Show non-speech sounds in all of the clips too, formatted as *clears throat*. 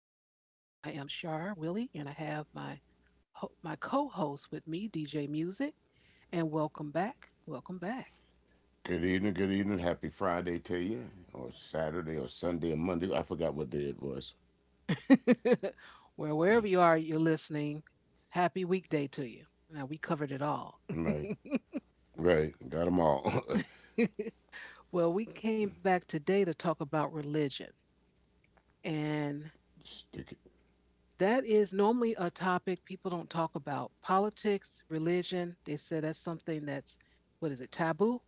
Shar Willie, and I have my my co-host with me, DJ Music, and welcome back, welcome back. Good evening, good evening. Happy Friday to you, or Saturday, or Sunday, or Monday. I forgot what day it was. *laughs* Wherever you are, you're listening. Happy weekday to you. Now we covered it all. Right, right. Got them all. *laughs* *laughs* Well, we came back today to talk about religion, and Sticky. that is normally a topic people don't talk about. Politics, religion, they said that's something that's, what is it, taboo?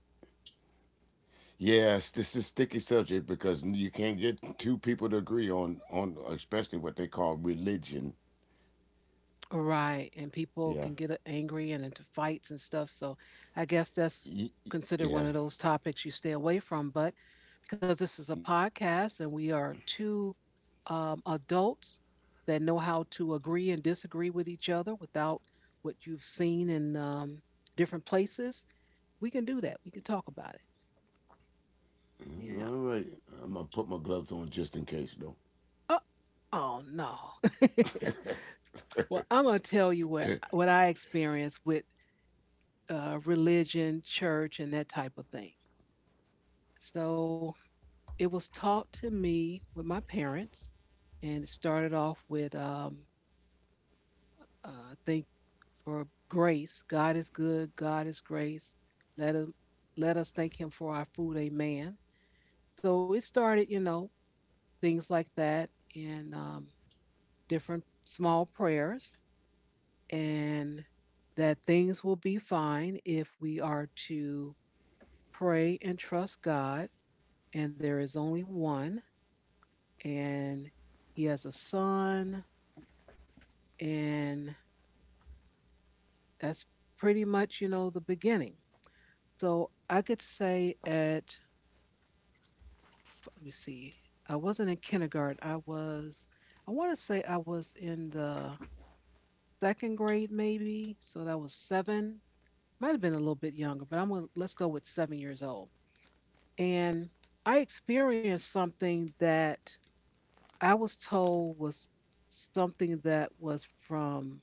Yes, this is a sticky subject because you can't get two people to agree on especially what they call religion. Right, and people Yeah, can get angry and into fights and stuff. So I guess that's considered one yeah. of those topics you stay away from. But because this is a podcast and we are two adults that know how to agree and disagree with each other without what you've seen in different places, we can do that. We can talk about it. Yeah. All right. I'm gonna put my gloves on just in case, though. Oh, oh no. *laughs* Well, I'm gonna tell you what I experienced with religion, church, and that type of thing. So it was taught to me with my parents, and it started off with I think for grace. God is good. God is grace. Let him, Let us thank Him for our food. Amen. So it started, things like that, and different small prayers, and that things will be fine if we are to pray and trust God, and there is only one, and He has a son. And that's pretty much, the beginning. So I could say at, let me see, I wasn't in kindergarten. I want to say I was in the second grade maybe. So that was seven. Might have been a little bit younger, but let's go with 7 years old. And I experienced something that I was told was something that was from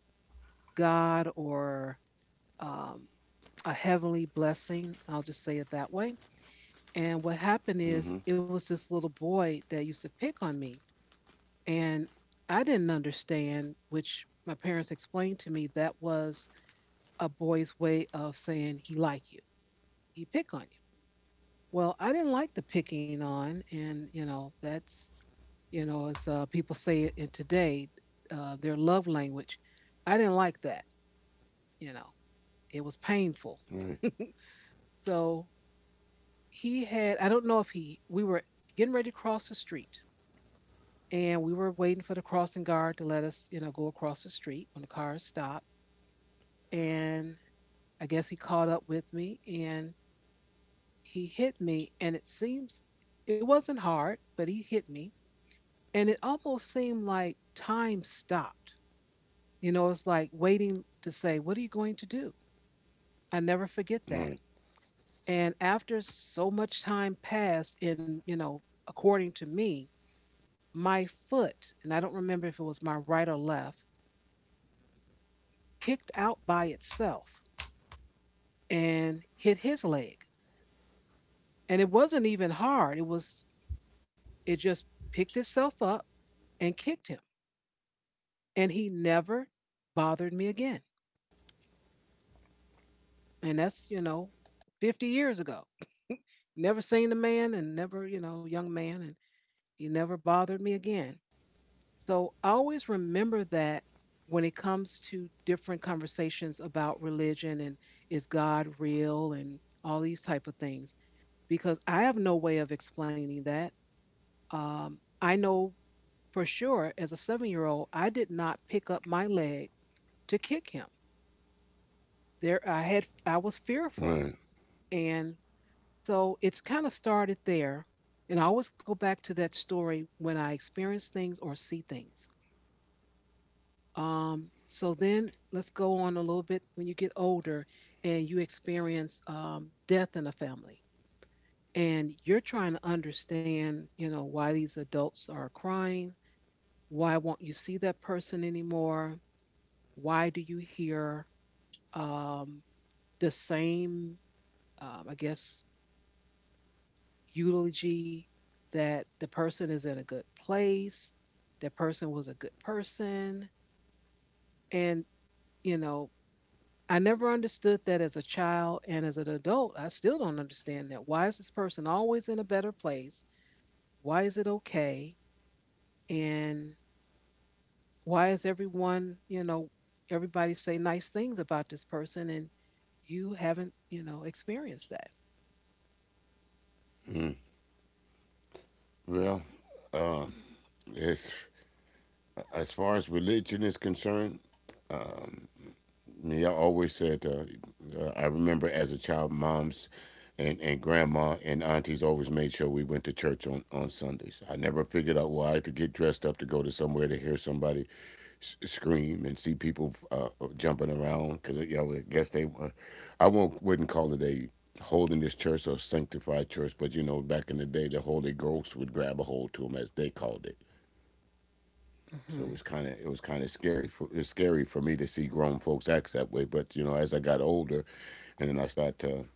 God or um, a heavenly blessing. I'll just say it that way. And what happened is Mm-hmm. it was this little boy that used to pick on me. And I didn't understand, which my parents explained to me that was a boy's way of saying he liked you. He pick on you. Well, I didn't like the picking on. And that's, as people say it in today, their love language. I didn't like that. You know, it was painful. Right, So he had, I don't know if he, we were getting ready to cross the street, and we were waiting for the crossing guard to let us go across the street when the car stopped. And I guess he caught up with me, and he hit me. And it seems it wasn't hard, but he hit me. And it almost seemed like time stopped. It's like waiting to say, what are you going to do? I never forget that. right, And after so much time passed in, according to me, my foot, and I don't remember if it was my right or left, kicked out by itself and hit his leg. And it wasn't even hard. It just picked itself up and kicked him. And he never bothered me again. And that's, 50 years ago. Never seen the man and never, young man, and he never bothered me again. So always remember that when it comes to different conversations about religion and is God real and all these type of things, because I have no way of explaining that. I know for sure as a 7-year-old, I did not pick up my leg to kick him. There, I was fearful, right. and so it's kind of started there. And I always go back to that story when I experience things or see things. So then let's go on a little bit when you get older and you experience death in a family and you're trying to understand, why these adults are crying, why won't you see that person anymore? Why do you hear um, the same, I guess, eulogy that the person is in a good place, the person was a good person, and you know I never understood that as a child and as an adult. I still don't understand that. Why is this person always in a better place? Why is it okay? And why is everybody say nice things about this person and you haven't, experienced that? Well, as as far as religion is concerned, me, I always said, I remember as a child, moms and grandma and aunties always made sure we went to church on Sundays. I never figured out why I had to get dressed up to go to somewhere to hear somebody scream and see people jumping around because, you know, I guess they were, I won't, wouldn't call it a holding this church or sanctified church, but, you know, back in the day, the Holy Ghost would grab a hold to them as they called it. So Mhm. It was kind of scary. For, it was scary for me to see grown folks act that way. But, you know, as I got older, and then I start to,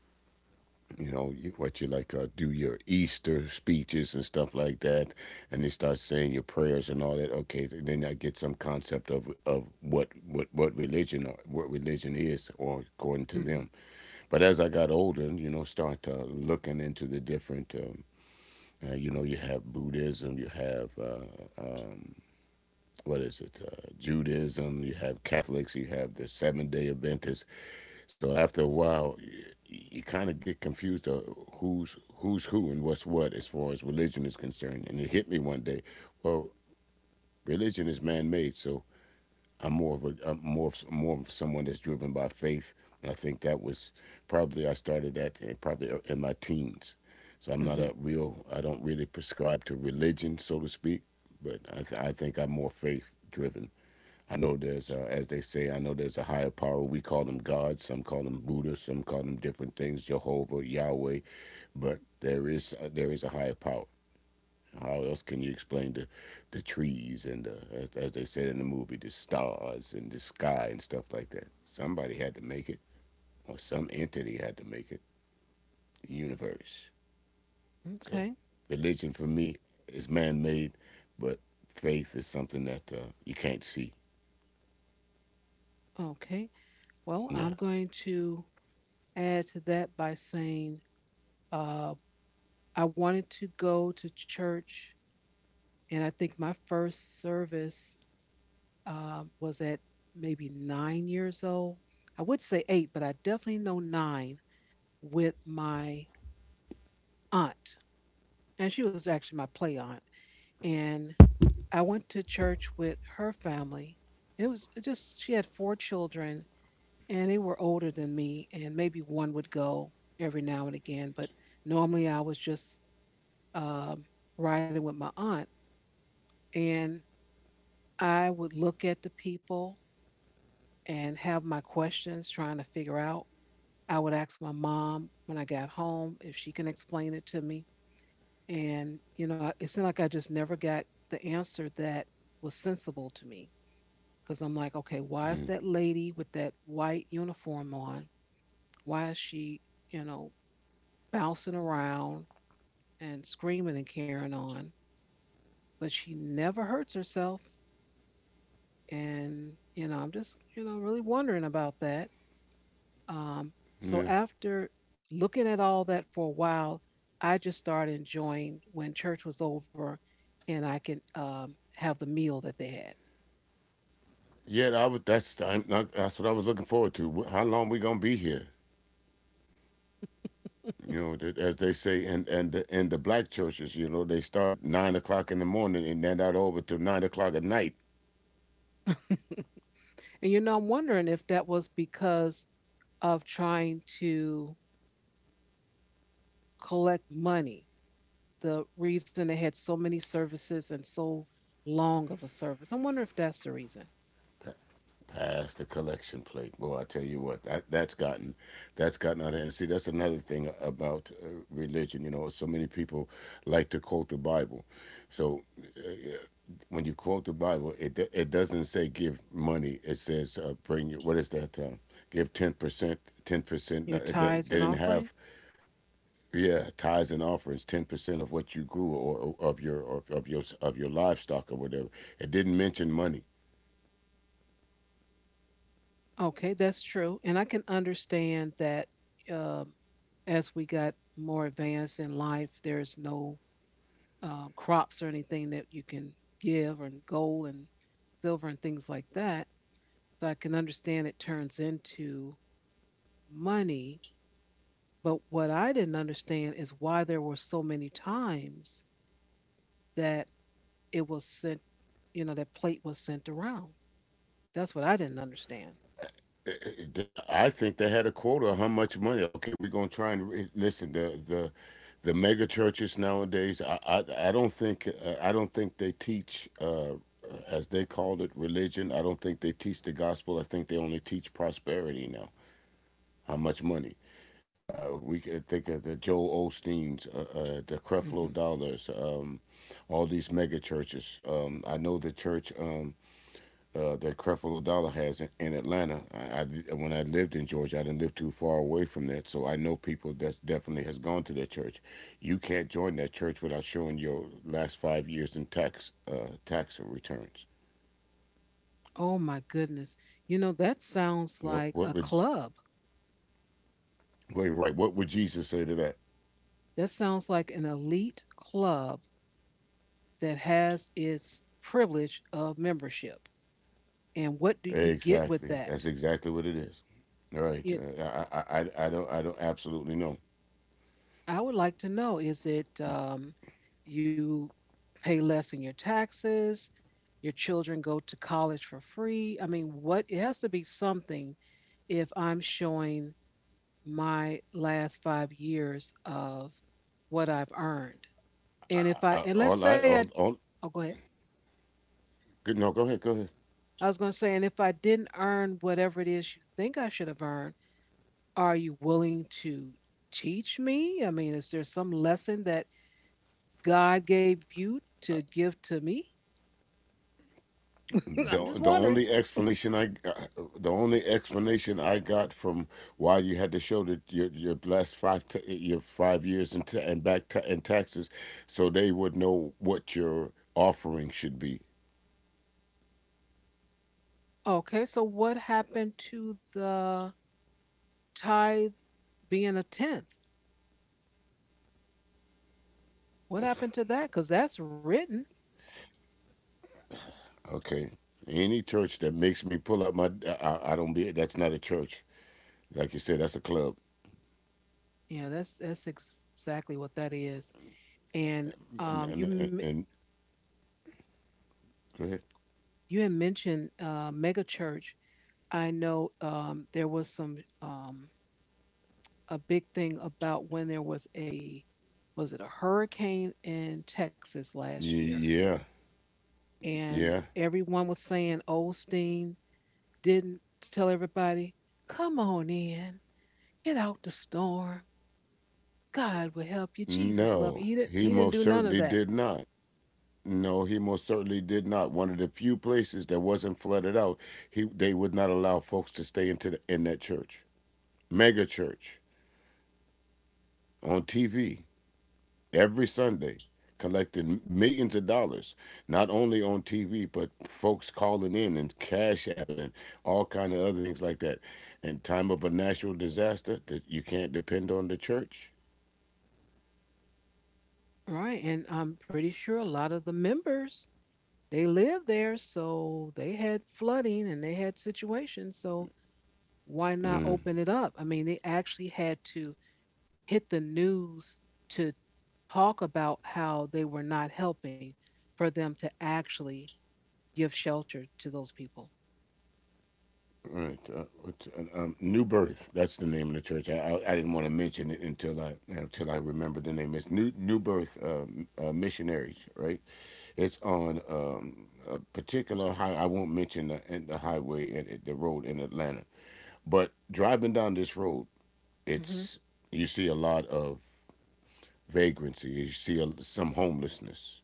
you know, what you like, do your Easter speeches and stuff like that, and they start saying your prayers and all that. Okay, and then I get some concept of what religion or what religion is, or according to Mhm. them. But as I got older, you know, start looking into the different. You know, you have Buddhism, you have, what is it, Judaism, you have Catholics, you have the Seventh Day Adventists. So after a while, you kind of get confused of who's who and what's what as far as religion is concerned. And it hit me one day, well, religion is man made, so more of someone that's driven by faith, and I think that was probably, I started that probably in my teens. So Mhm. I don't really prescribe to religion, so to speak, but I think I'm more faith driven. I know there's, as they say, I know there's a higher power. We call them God. Some call them Buddha. Some call them different things, Jehovah, Yahweh. But there is a higher power. How else can you explain the trees and as they said in the movie, the stars and the sky and stuff like that? Somebody had to make it, or some entity had to make it, the universe. So, Okay. religion for me is man made, but faith is something that you can't see. Okay. Well, Yeah. I'm going to add to that by saying uh, I wanted to go to church, and I think my first service was at maybe 9 years old. I would say eight, but I definitely know nine with my aunt. And she was actually my play aunt. And I went to church with her family. It was just, she had four children, and they were older than me, and maybe one would go every now and again, but normally I was just um, riding with my aunt, and I would look at the people and have my questions trying to figure out. I would ask my mom when I got home if she can explain it to me, and it seemed like I just never got the answer that was sensible to me because I'm like, okay, why is Mm, that lady with that white uniform on? Why is she, you know, bouncing around and screaming and carrying on, but she never hurts herself. And I'm just, really wondering about that. Um, so yeah. after looking at all that for a while, I just started enjoying when church was over and I could have the meal that they had. Yeah, I would, that's, I'm not, that's what I was looking forward to. How long we going to be here? You know, as they say, and in the black churches, you know, they start at 9 o'clock in the morning and then out over till 9 o'clock at night. *laughs* And I'm wondering if that was because of trying to collect money. The reason they had so many services and so long of a service. I wonder if that's the reason. Past the collection plate, boy, I tell you what, that's gotten out of hand. See, that's another thing about religion. You know, so many people like to quote the Bible. So when you quote the Bible, it doesn't say give money. It says, bring your, what is that? Give 10%, 10%. Your They tithes and didn't offering? have. Yeah, tithes and offerings, 10% of what you grew, or of your, of your livestock or whatever. It didn't mention money. Okay, that's true. And I can understand that um, as we got more advanced in life, there's no crops or anything that you can give, and gold and silver and things like that. So I can understand it turns into money. But what I didn't understand is why there were so many times that it was sent, that plate was sent around. That's what I didn't understand. I think they had a quota of how much money. Okay, we're gonna try and listen. The mega churches nowadays. I don't think, they teach. As they called it, religion. I don't think they teach the gospel. I think they only teach prosperity now. How much money? We can think of the Joel Osteen's, the Creflo Hmm. Dollars, all these mega churches. I know the church, that Creflo Dollar has in Atlanta. When I lived in Georgia, I didn't live too far away from that, so I know people that definitely has gone to that church. You can't join that church without showing your last 5 years in tax returns. Oh my goodness. That sounds like a What would club. Wait, right? What would Jesus say to that? That sounds like an elite club that has its privilege of membership. And what do you get with Exactly. that? That's exactly what it is. Right. You, I don't absolutely know. I would like to know, is it you pay less in your taxes? Your children go to college for free? I mean, what? It has to be something if I'm showing my last 5 years of what I've earned. And if I, I, and let's all say I, I, all, all, oh, go ahead. Good. No, go ahead, go ahead. I was gonna say, and if I didn't earn whatever it is you think I should have earned, are you willing to teach me? I mean, is there some lesson that God gave you to give to me? *laughs* I'm The just the only wondering. explanation I got from why you had to show that your last 5 years in ta- and back ta- in taxes, so they would know what your offering should be. Okay, so what happened to the tithe being a tenth? What happened to that? Because that's written. Okay. Any church that makes me pull out I don't be. That's not a church. Like you said, that's a club. Yeah, that's exactly what that is. And you And Go ahead. you had mentioned mega church. I know there was some a big thing about when there was a was it a hurricane in Texas last year, Yeah, and yeah. everyone was saying Osteen didn't tell everybody, "Come on in, get out the storm. God will help you. Jesus love you." No, He didn't he he didn't most do none of certainly that, did not. No, he most certainly did not. One of the few places that wasn't flooded out, he they would not allow folks to stay into in that church, mega church, on TV every Sunday, collecting millions of dollars, not only on TV but folks calling in and cash apping and all kind of other things like that. In time of a natural disaster, that you can't depend on the church. right? And I'm pretty sure a lot of the members they live there, so they had flooding and they had situations, so why not open it up? I mean, they actually had to hit the news to talk about how they were not helping for them to actually give shelter to those people. All right, New Birth. That's the name of the church. I didn't want to mention it until I remembered the name. It's New Birth Missionaries, right? It's on, a particular high. I won't mention the highway and the road in Atlanta, but driving down this road, Hmm. it's you see a lot of vagrancy. You see some homelessness,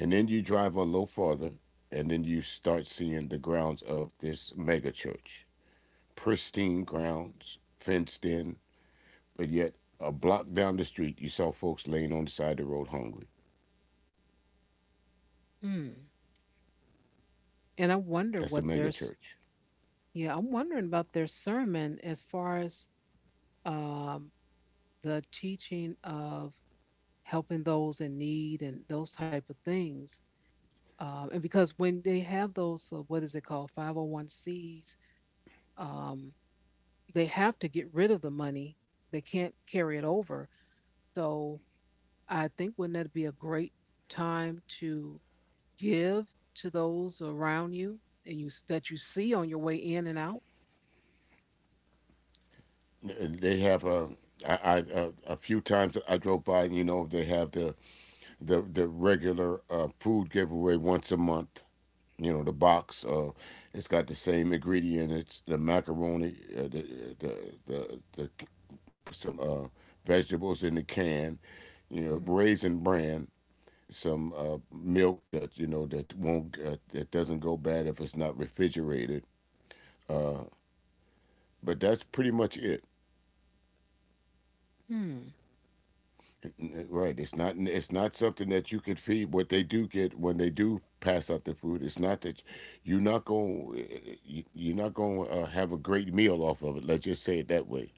and then you drive a little farther, and then you start seeing the grounds of this mega church, pristine grounds, fenced in, but yet a block down the street, you saw folks laying on the side of the road hungry. Mm. And I wonder That's a what their mega s- church. Yeah, I'm wondering about their sermon as far as um, the teaching of helping those in need and those type of things. And because when they have those, what is it called, 501c's, um, they have to get rid of the money. They can't carry it over. So I think wouldn't that be a great time to give to those around you and that you see on your way in and out? They have a. I a, few times I drove by, and, you know, they have the regular food giveaway once a month. You know, the box. It's got the same ingredient. It's the macaroni, the some vegetables in the can. You know, Mhm. raisin bran, some milk that, you know, that doesn't go bad if it's not refrigerated. But that's pretty much it. Hmm. Right. It's not something that you could feed. What they do get when they do pass out the food, it's not that you're not going you're not going to, have a great meal off of it. Let's just say it that way.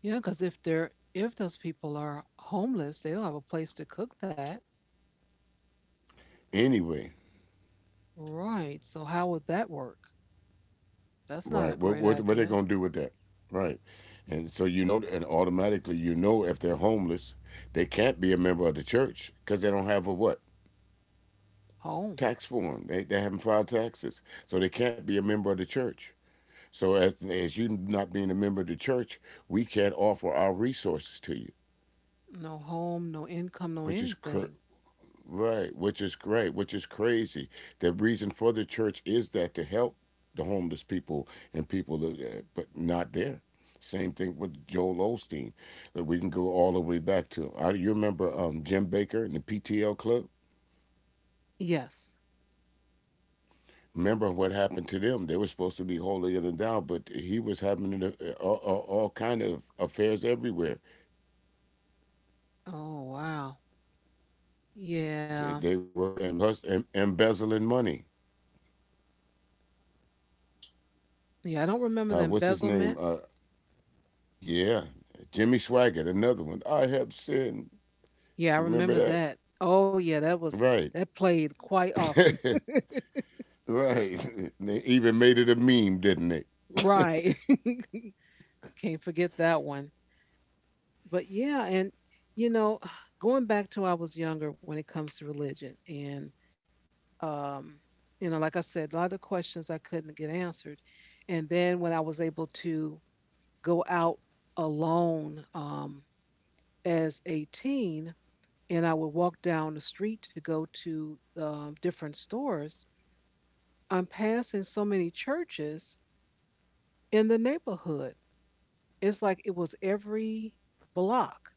Yeah, because if those people are homeless, they don't have a place to cook that. Anyway, Right. So how would that work? That's not right. a great What are they idea. going to do with that? Right. And so, you know, and automatically, you know, if they're homeless, they can't be a member of the church cuz they don't have a what? Home. Tax form. They haven't filed taxes, so they can't be a member of the church. So as you not being a member of the church, we can't offer our resources to you, No home, no income, no which is anything. right, which is great, which is crazy. The reason for the church is that to help the homeless people and people, but not there. Same thing with Joel Osteen. That we can go all the way back to. You remember, Jim Baker and the PTL Club? Yes. Remember what happened to them? They were supposed to be holier than thou, but he was having, all kind of affairs everywhere. Oh wow. Yeah. They were, and embezzling money. Yeah, I don't remember the What's his name? embezzlement. Yeah, Jimmy Swaggart, another one. I have sinned. Yeah, I You remember remember that? that. Oh yeah, Right, that played quite often. *laughs* *laughs* right. They even made it a meme, didn't they? Right. Can't forget that one. But yeah, and you know, *sighs* going back to I was younger when it comes to religion, and um, like I said, a lot of questions I couldn't get answered, and then when I was able to go out alone, as a teen, and I would walk down the street to go to different stores. I'm passing so many churches in the neighborhood. It's like it was every block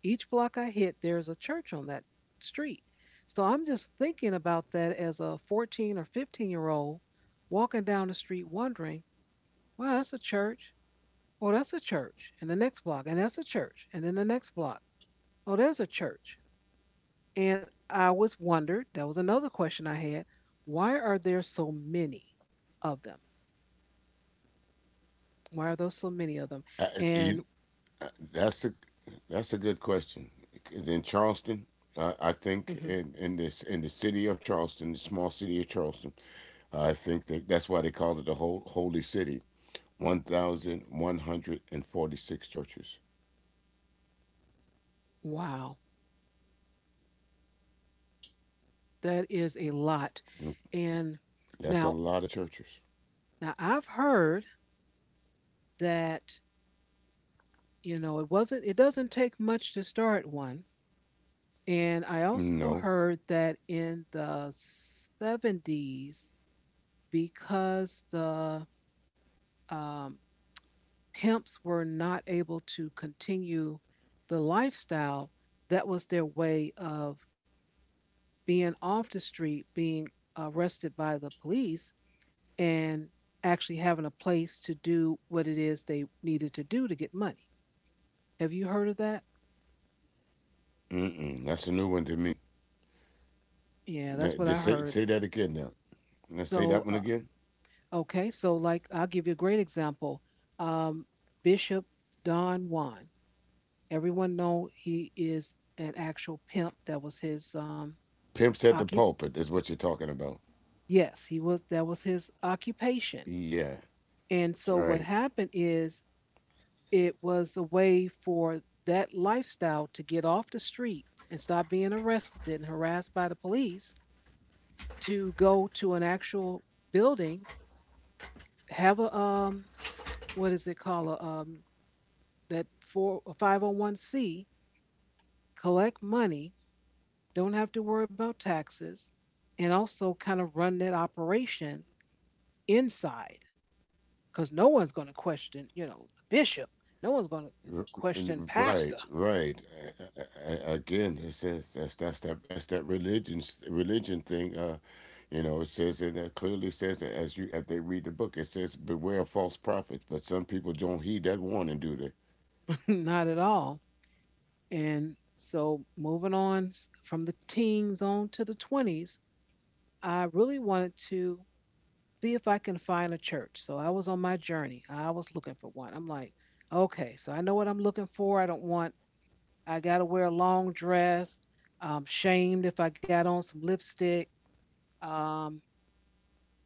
Each block I hit. There's a church on that street. So I'm just thinking about that as a 14 or 15-year-old walking down the street wondering, wow, that's a church. Oh, that's a church. And the next block, and that's a church. And then the next block, oh, there's a church. And I was wondered, that was another question I had, why are there so many of them? Why are there so many of them? I, you, And That's a that's a good question. In Charleston, I think, hmm in the city of Charleston, the small city of Charleston, I think that's why they called it the whole holy city. 1,146 churches. wow, that is a lot. Mm, And now, that's a lot of churches. now I've heard that it doesn't take much to start one. And I also No, heard that in the 70s because the um, pimps were not able to continue the lifestyle that was their way of being off the street, being arrested by the police, and actually having a place to do what it is they needed to do to get money. Have you heard of that? mm-mm, that's a new one to me. Yeah, that's Now, what I just heard. say that again now. Now say that So, one again. okay, so like I'll give you a great example. Um, Bishop Don Juan. Everyone know he is an actual pimp. That was his Pimps at the occup. pulpit is what you're talking about. Yes, he was. That was his occupation. Yeah, And so right. what happened is it was a way for that lifestyle to get off the street and stop being arrested and harassed by the police, to go to an actual building, have a what is it called, a that, for a 501c, collect money, don't have to worry about taxes, and also kind of run that operation inside, because no one's going to question, the bishop. No one's going to R- question Right, pastor. right. Again, it says, that's that religion thing. You know, it clearly says that, as they read the book, it says beware of false prophets. But some people don't heed that warning, do they? *laughs* Not at all. And so moving on from the teens on to the 20s, I really wanted to see if I can find a church. So I was on my journey. I was looking for one. I'm like, okay, so I know what I'm looking for. I don't want. I got to wear a long dress. I'm shamed if I got on some lipstick. Um,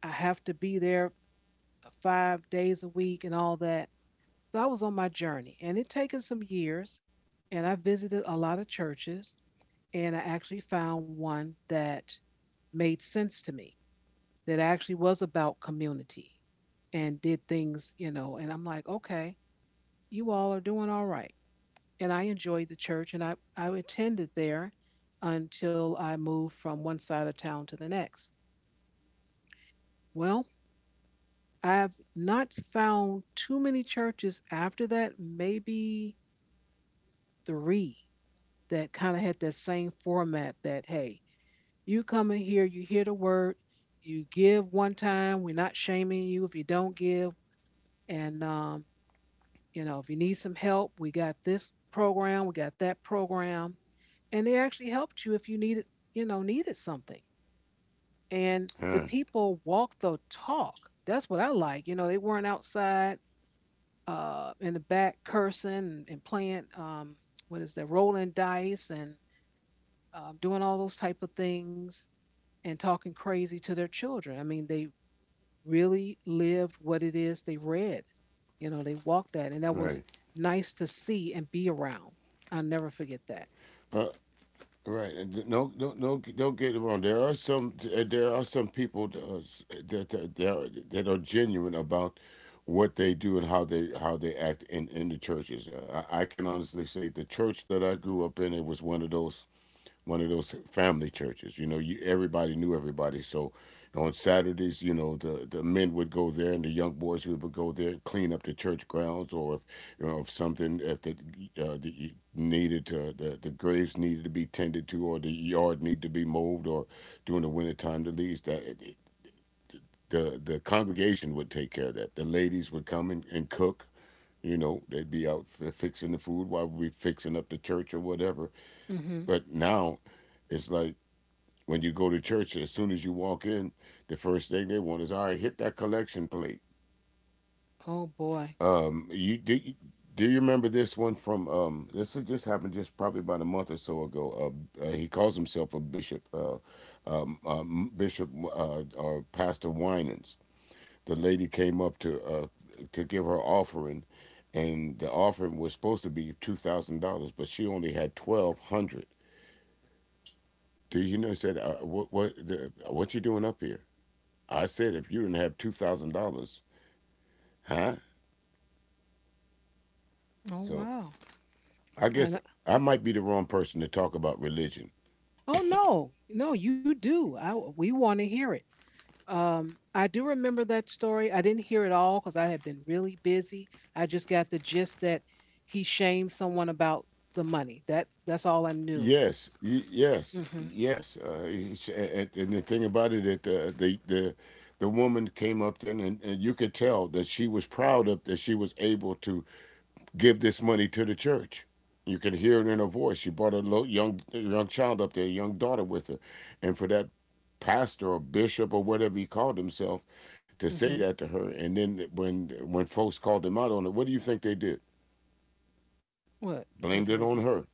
I have to be there 5 days a week and all that. So I was on my journey, and it taken some years. And I visited a lot of churches, and I actually found one that made sense to me, that actually was about community and did things. And I'm like, okay, you all are doing all right. And I enjoyed the church, and I attended there until I moved from one side of town to the next. Well, I've not found too many churches after that, maybe three that kind of had that same format that, hey, you come in here, you hear the word, you give one time, we're not shaming you if you don't give. And, if you need some help, we got this program, we got that program. And they actually helped you if you needed something. And the Huh. people walked the talk. That's what I like. You know, they weren't outside, in the back, cursing and playing, what is that, rolling dice, and doing all those type of things, and talking crazy to their children. I mean, they really lived what it is they read. You know, they walked that, and that Right. was nice to see and be around. I'll never forget that. Uh, Right, and no, no, no, don't get it wrong. There are some people that are genuine about what they do and how they act in the churches. I can honestly say the church that I grew up in, it was one of those family churches. You know, you everybody knew everybody. So on Saturdays, you know, the men would go there and the young boys would go there and clean up the church grounds, or if you know if something if the, the graves needed to be tended to, or the yard needed to be mowed, or during the winter time the leaves that. The congregation would take care of that. The ladies would come and cook. You know, they'd be out fixing the food while we fixing up the church or whatever. Hmm. But now it's like when you go to church, as soon as you walk in, the first thing they want is, all right, hit that collection plate. Oh boy. Um, you do. You, do you remember this one from this? Just happened just probably about a month or so ago. He calls himself a bishop, bishop or Pastor Winans. The lady came up to give her offering, and the offering was supposed to be $2,000, but she only had 1,200. Do you know? Said, what? What you doing up here? I said, if you didn't have $2,000, huh? Oh So wow. I And guess I- I might be the wrong person to talk about religion. oh no, no, you do. I we want to hear it. I do remember that story. I didn't hear it all because I had been really busy. I just got the gist that he shamed someone about the money. That's all I knew. Yes, yes, Mhm. yes. And the thing about it, that the woman came up there, and you could tell that she was proud of that she was able to give this money to the church. You can hear it in her voice. She brought a little young child up there, a young daughter with her, and for that pastor or bishop or whatever he called himself to say Mhm. that to her, and then when folks called him out on it, what do you think they did? What? What Blamed did it they on do? her.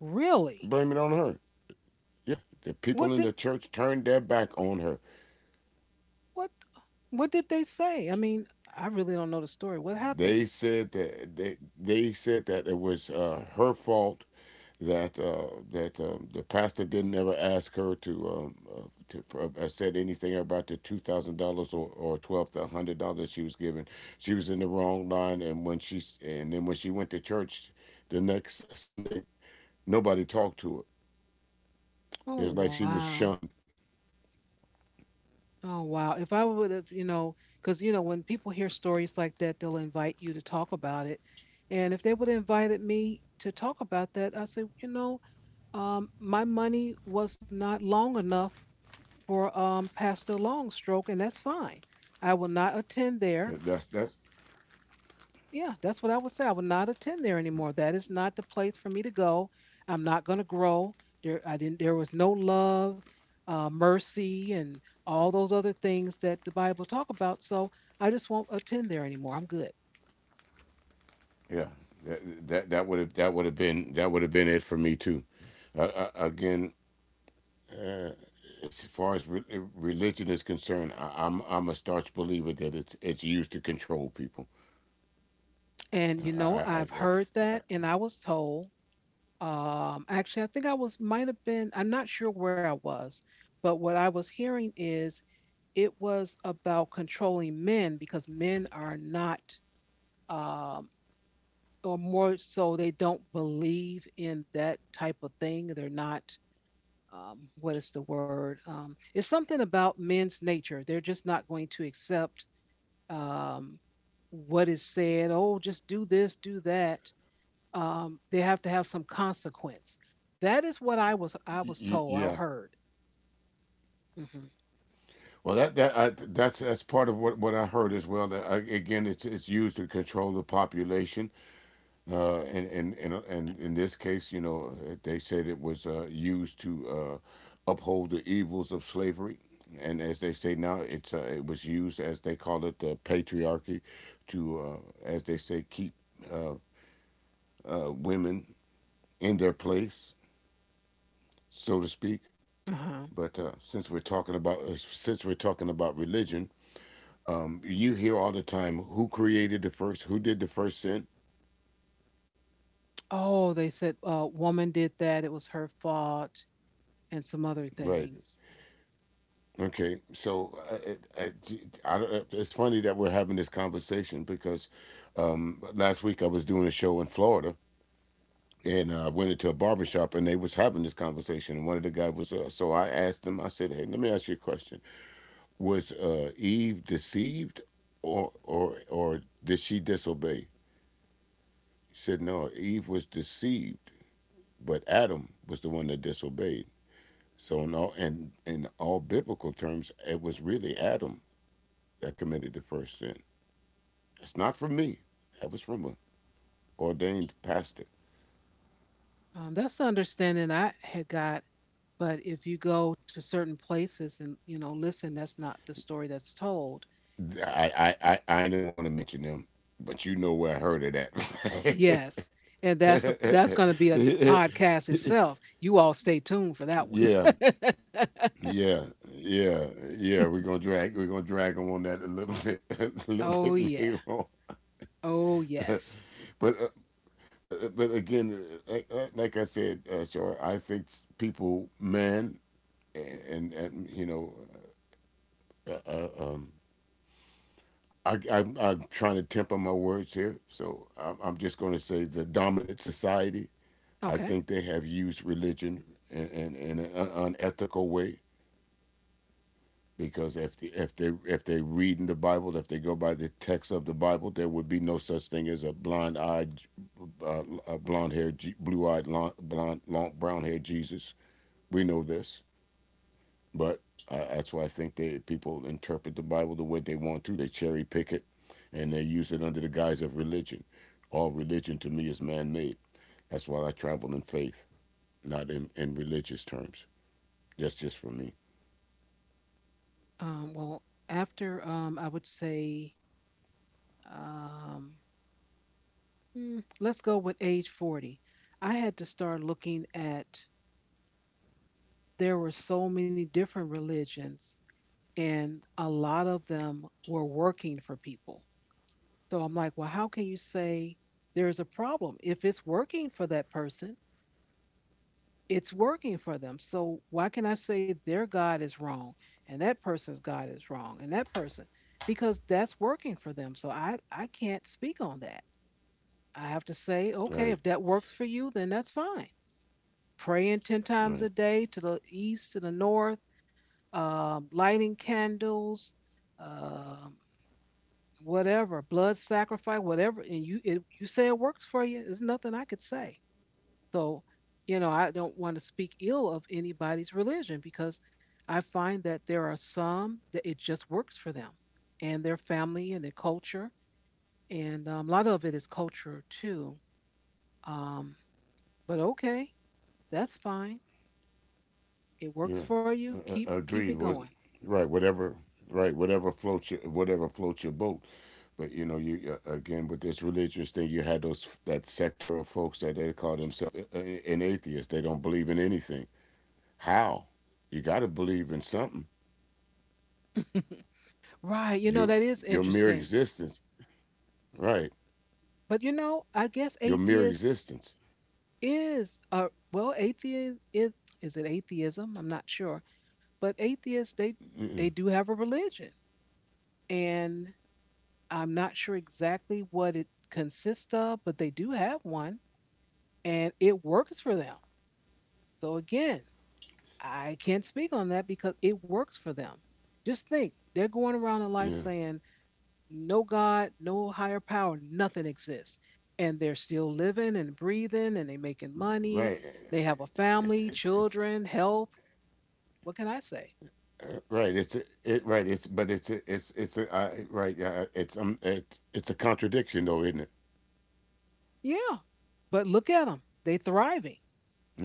Really? Blame it on her. Yeah, the What people in did the church turned their back on her. what what did they say? I mean, I really don't know the story. What They happened? said that they said that it was, her fault that, the pastor didn't ever ask her to said anything about the $2,000 or 12 the $100 she was given. She was in the wrong line, and then when she went to church the next Sunday, nobody talked to her. It Oh was like she was wow. shunned. Oh wow. If I would have, because you know when people hear stories like that, they'll invite you to talk about it. And if they would have invited me to talk about that, I say, my money was not long enough for, Pastor Longstroke, and that's fine. I will not attend there. That's Yeah, that's what I would say. I will not attend there anymore. That is not the place for me to go. I'm not going to grow there. I didn't. There was no love, mercy, and all those other things that the Bible talk about. So I just won't attend there anymore. I'm good. Yeah. That would have been it for me too. Again, as far as religion is concerned, I'm a staunch believer that it's used to control people. And I've heard I that, and I was told. Actually, I think I was, might have been, I'm not sure where I was, but what I was hearing is it was about controlling men because men are not, um, or more so, they don't believe in that type of thing. They're not, what is the word? It's something about men's nature. They're just not going to accept, um, what is said. Oh, just do this, do that, they have to have some consequence. That is what I was told. I Yeah. heard. Hmm. Well, that's part of what I heard as well. That I, again, it's used to control the population. And In this case, you know, they said it was, used to uphold the evils of slavery, and as they say now, it's, it was used as they call it, the patriarchy, to, as they say, keep uh, women in their place, so to speak. Uh-huh. But since we're talking about religion, you hear all the time, who created the first, who did the first sin, Oh, they said, woman did that. It was her fault, and some other right? things. Okay, so I, I, I, it's funny that we're having this conversation because, last week I was doing a show in Florida, and I went into a barber shop, and they was having this conversation. And one of the guys was, so I asked them, I said, hey, let me ask you a question. Was, Eve deceived or did she disobey? He said, no, Eve was deceived, but Adam was the one that disobeyed. So in all biblical terms, it was really Adam that committed the first sin. It's not from me. That was from a ordained pastor. That's the understanding I had got. But if you go to certain places and, listen, that's not the story that's told. I didn't want to mention them, but you know where I heard it Yes, and that's going to be a at. *laughs* podcast itself. You all stay tuned for that Yeah, one. yeah, *laughs* yeah, yeah. We're gonna drag them on that a little bit *laughs* a little Oh bit yeah. later on. Oh *laughs* but yes. uh, but again, like I said, sure. I think people, man, and you know, um, I I'm trying to temper my words here, so I'm just going to say the dominant society I Okay. think they have used religion in an unethical way because if they read in the Bible, if they go by the text of the Bible, there would be no such thing as a blind eyed, a blonde haired, blue eyed, blonde, long, brown haired Jesus. We know this, but that's why I think they people interpret the Bible the way they want to. They cherry pick it, and they use it under the guise of religion. All religion to me is man made. That's why I travel in faith, not in, religious terms. That's just for me. Well, after, I would say, um, let's go with age 40. I had to start looking at there were so many different religions, and a lot of them were working for people. So I'm like, well, how can you say there's a problem if it's working for that person? It's working for them. So why can I say their God is wrong and that person's God is wrong and that person? Because that's working for them. So I can't speak on that. I have to say, okay, Right, if that works for you, then that's fine. Praying 10 times right, a day to the east, to the north, lighting candles, um, whatever, blood sacrifice, whatever. And you say it works for you. There's nothing I could say. So, I don't want to speak ill of anybody's religion because I find that there are some that it just works for them and their family and their culture. And, a lot of it is culture too. Um, but okay, that's fine. It works yeah, for you. Keep it agreed. Going. Right, whatever, right, whatever floats your boat. But you know, you again with this religious thing, you had those that sector of folks that they call themselves an atheist. They don't believe in anything. How? You got to believe in something. *laughs* Right, Your that is mere interesting. existence, right? But I guess Your mere atheist existence. is a, well, atheist is it atheism? I'm not sure. But atheists, they do have a religion. And I'm not sure exactly what it consists of, but they do have one, and it works for them. So again, I can't speak on that because it works for them. Just think, they're going around in life Yeah, saying no God, no higher power, nothing exists. And they're still living and breathing, and they are making money. right. They have a It's family, it, it's children, health. What can I say? Right. It's it. Right. It's but it's a I right. It's. It, It's a contradiction though, isn't it? Yeah. But look at them. They are thriving.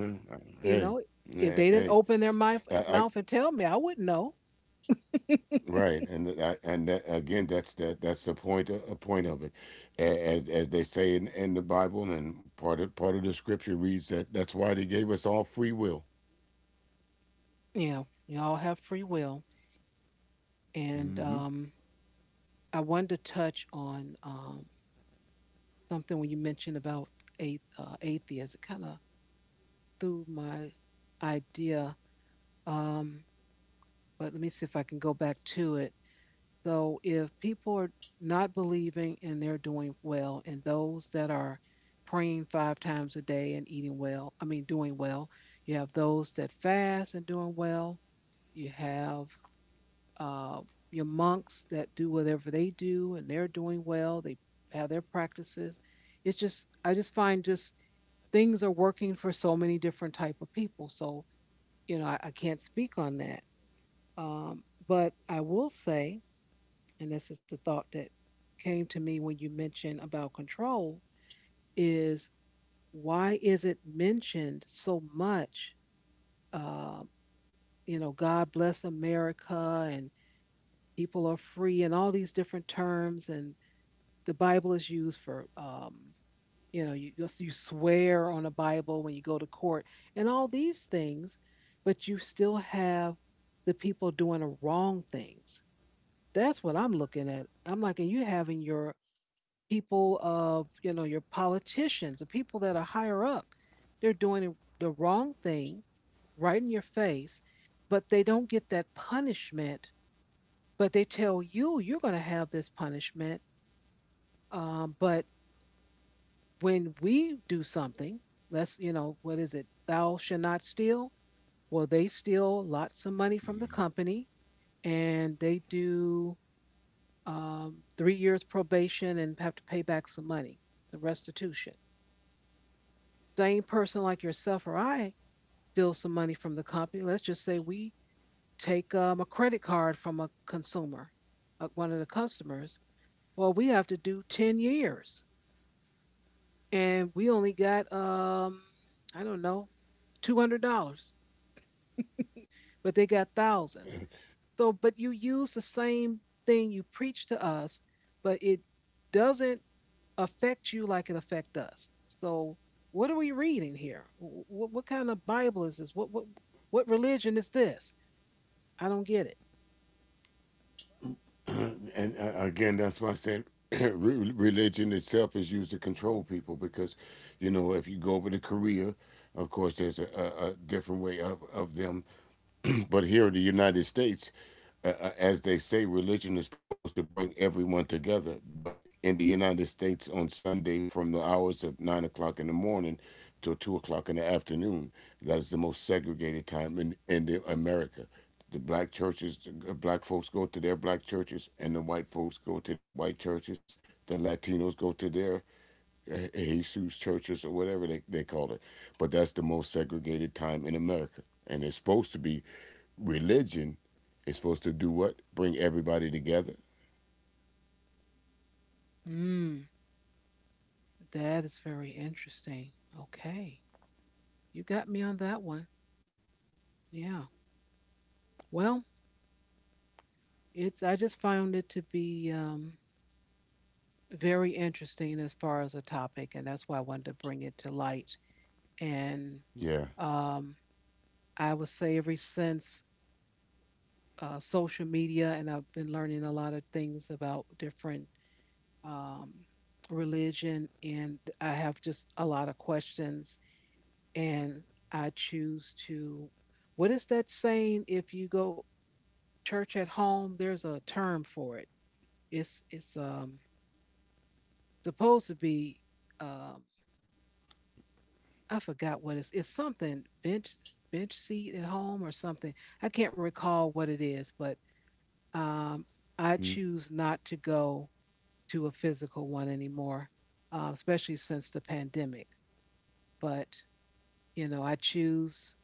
Mm. You know, Hey. if they Yeah, didn't hey. open their mouth, I mouth and tell me, I wouldn't know. right. And I, and that, again, that's that. That's the point. A point of it, As they say in, the Bible, and part of the scripture reads that that's why they gave us all free will. Yeah, we all have free will. And, I wanted to touch on, something when you mentioned about atheists. It kind of threw my idea, um, but let me see if I can go back to it. So if people are not believing and they're doing well, and those that are praying 5 times a day and eating well, I mean, doing well, you have those that fast and doing well, you have, uh, your monks that do whatever they do and they're doing well, they have their practices. It's just, I just find, just things are working for so many different type of people. So, I can't speak on that. But I will say, and this is the thought that came to me when you mentioned about control, is why is it mentioned so much? uh, you know, god bless america, and people are free, and all these different terms, and the bible is used for you know, you swear on a bible when you go to court and all these things. But you still have the people doing the wrong things. That's what I'm looking at. I'm like, and you having your people of, you know, your politicians, the people that are higher up, they're doing the wrong thing right in your face, but they don't get that punishment. But they tell you you're going to have this punishment. But when we do something, let's, you know, what is it? Thou shall not steal. Well, they steal lots of money from the company, and they do 3 years probation and have to pay back some money, the restitution. Same person like yourself or I steals some money from the company, let's just say we take a credit card from a consumer, one of the customers. Well, we have to do 10 years, and we only got, I don't know, $200, but they got thousands. So, but you use the same thing you preach to us, but it doesn't affect you like it affect us. So what are we reading here? What kind of Bible is this? What, what religion is this? I don't get it. *clears throat* And again, that's why I said *clears throat* religion itself is used to control people because, you know, if you go over to Korea, of course, there's a different way of, them. *clears throat* But here in the United States, as they say, religion is supposed to bring everyone together. But in the United States, on Sunday, from the hours of 9 o'clock in the morning till 2 o'clock in the afternoon, that is the most segregated time in the America. The black churches, the black folks go to their black churches, and the white folks go to their white churches. The Latinos go to their Jesus churches or whatever they call it. But that's the most segregated time in America. And it's supposed to be religion. It's supposed to do what? Bring everybody together. Mm, that is very interesting. Okay. You got me on that one. Yeah. Well, it's, I just found it to be very interesting as far as a topic, and that's why I wanted to bring it to light. And Yeah. um, I would say ever since social media, and I've been learning a lot of things about different um, religion, and I have just a lot of questions. And I choose to, what is that saying? If you go church at home, there's a term for it. It's supposed to be, um, I forgot what it's. It's something bench seat at home or something. I can't recall what it is, but um, I Mm. choose not to go to a physical one anymore, especially since the pandemic. But you know, I choose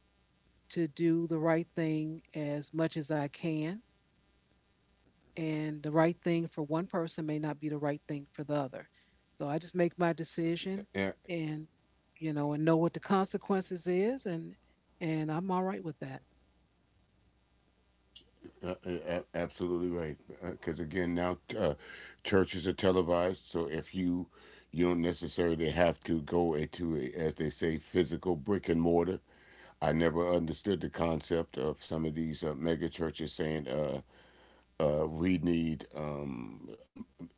to do the right thing as much as I can, and the right thing for one person may not be the right thing for the other. So I just make my decision, A- and you know, and know what the consequences is, and I'm all right with that. a- a- absolutely right. Because again, now churches are televised. So if you don't necessarily have to go into a, as they say, physical brick and mortar. I never understood the concept of some of these mega churches saying, we need,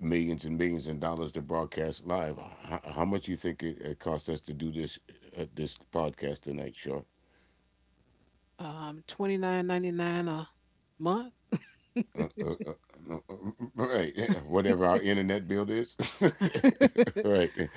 millions and millions and dollars to broadcast live. How much do you think it costs us to do this, this podcast tonight, Shaw? 29.99 a month. Uh, uh, uh, uh, uh, uh, right, yeah, whatever our internet bill is. *laughs* *laughs* Right.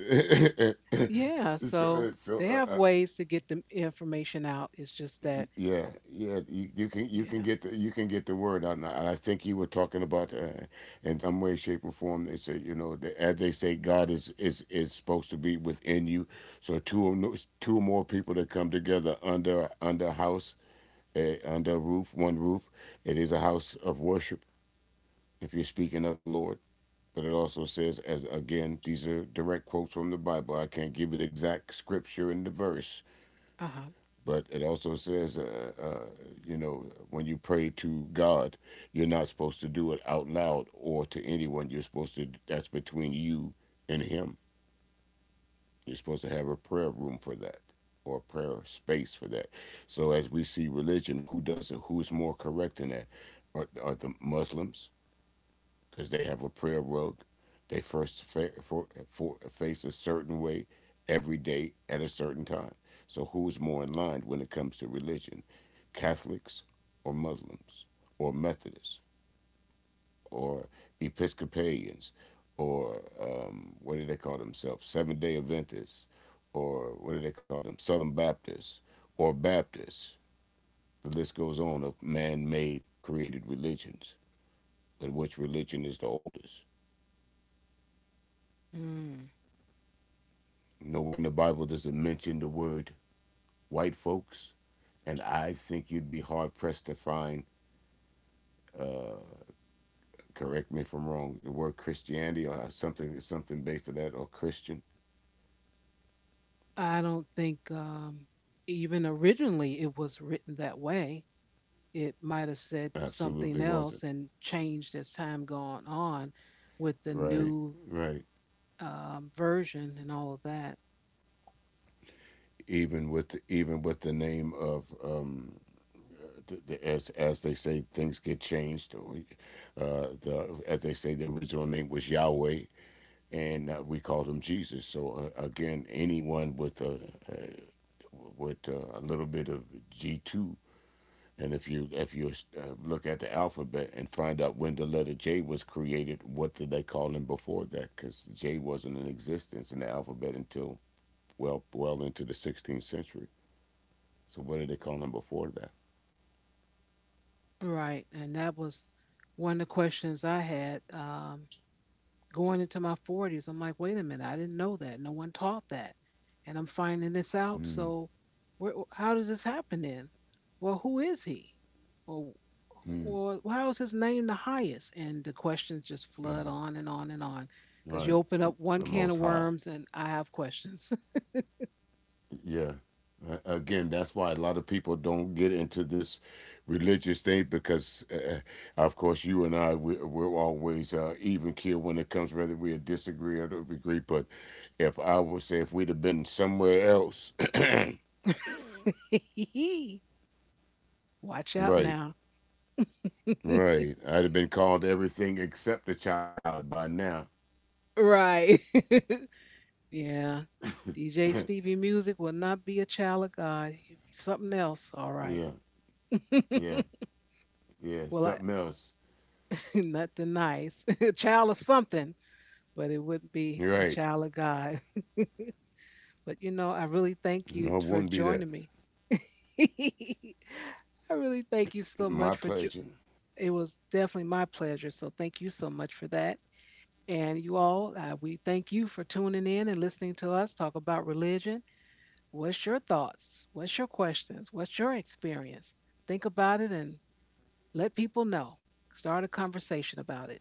*laughs* Yeah, so so, so they have uh, ways to get the information out. It's just that, Yeah, yeah, you can yeah. You can get the word out, and and I think you were talking about, in some way, shape, or form. They say you know, the, as they say, God is is supposed to be within you. So two or no, two or more people that come together under a house, under a roof, one roof, it is a house of worship. If you're speaking of the Lord, but it also says, as again, these are direct quotes from the Bible. I can't give you the exact scripture and the verse, Uh-huh. but it also says, you know, when you pray to God, you're not supposed to do it out loud or to anyone. You're supposed to, that's between you and Him. You're supposed to have a prayer room for that or a prayer space for that. So as we see religion, who does it? Who's more correct in that? Are the Muslims? Because they have a prayer rug. They first for, face a certain way every day at a certain time. So, who's more in line when it comes to religion? Catholics or Muslims or Methodists or Episcopalians or what do they call themselves? Seventh day Adventists or what do they call them? Southern Baptists or Baptists. The list goes on of man made created religions, but which religion is the oldest? Mm. Nowhere in the Bible does it mention the word white folks, and I think you'd be hard pressed to find. Correct me if I'm wrong. The word Christianity or something, something based on that, or Christian, I don't think even originally it was written that way. It might have said absolutely something wasn't. else and changed as time gone on with the Right, new right. Version and all of that. Even with the name of, the, as they say, things get changed. Or, the as they say, the original name was Yahweh, and we called him Jesus. So again, anyone with a little bit of G two. And if you look at the alphabet and find out when the letter J was created, what did they call him before that? Because J wasn't in existence in the alphabet until well into the 16th century. So what did they call him before that? Right. And that was one of the questions I had. Going into my 40s, I'm like, wait a minute, I didn't know that. No one taught that. And I'm finding this out. So, where, how did this happen then? Well, who is he? Well, well, how is his name the highest? And the questions just flood on and on and on because you Right, open up one the can of Most High. worms and I have questions. *laughs* Yeah. Again, that's why a lot of people don't get into this religious thing because, of course, you and I, we're always even keel when it comes, whether we disagree or agree. But if I would say if we'd have been somewhere else, *clears throat* *laughs* Watch out right, now. right, I'd have been called everything except the child of God by now. Right. *laughs* Yeah. DJ Stevie Music will not be a child of God. He'll be something else. All right. Yeah, yeah, *laughs* yeah, Well, I, something else. *laughs* nothing nice. *laughs* A child of something, but it wouldn't be You're a right. child of God. But you know, I really thank you No, it for wouldn't be that. joining me. *laughs* I really thank you so much My for jo- pleasure. it was definitely my pleasure. So thank you so much for that. And you all, we thank you for tuning in and listening to us talk about religion. What's your thoughts? What's your questions? What's your experience? Think about it and let people know. Start a conversation about it.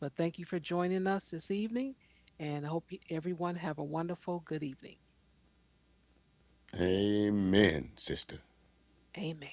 But thank you for joining us this evening, and I hope you- everyone have a wonderful good evening. Amen, sister. Amen.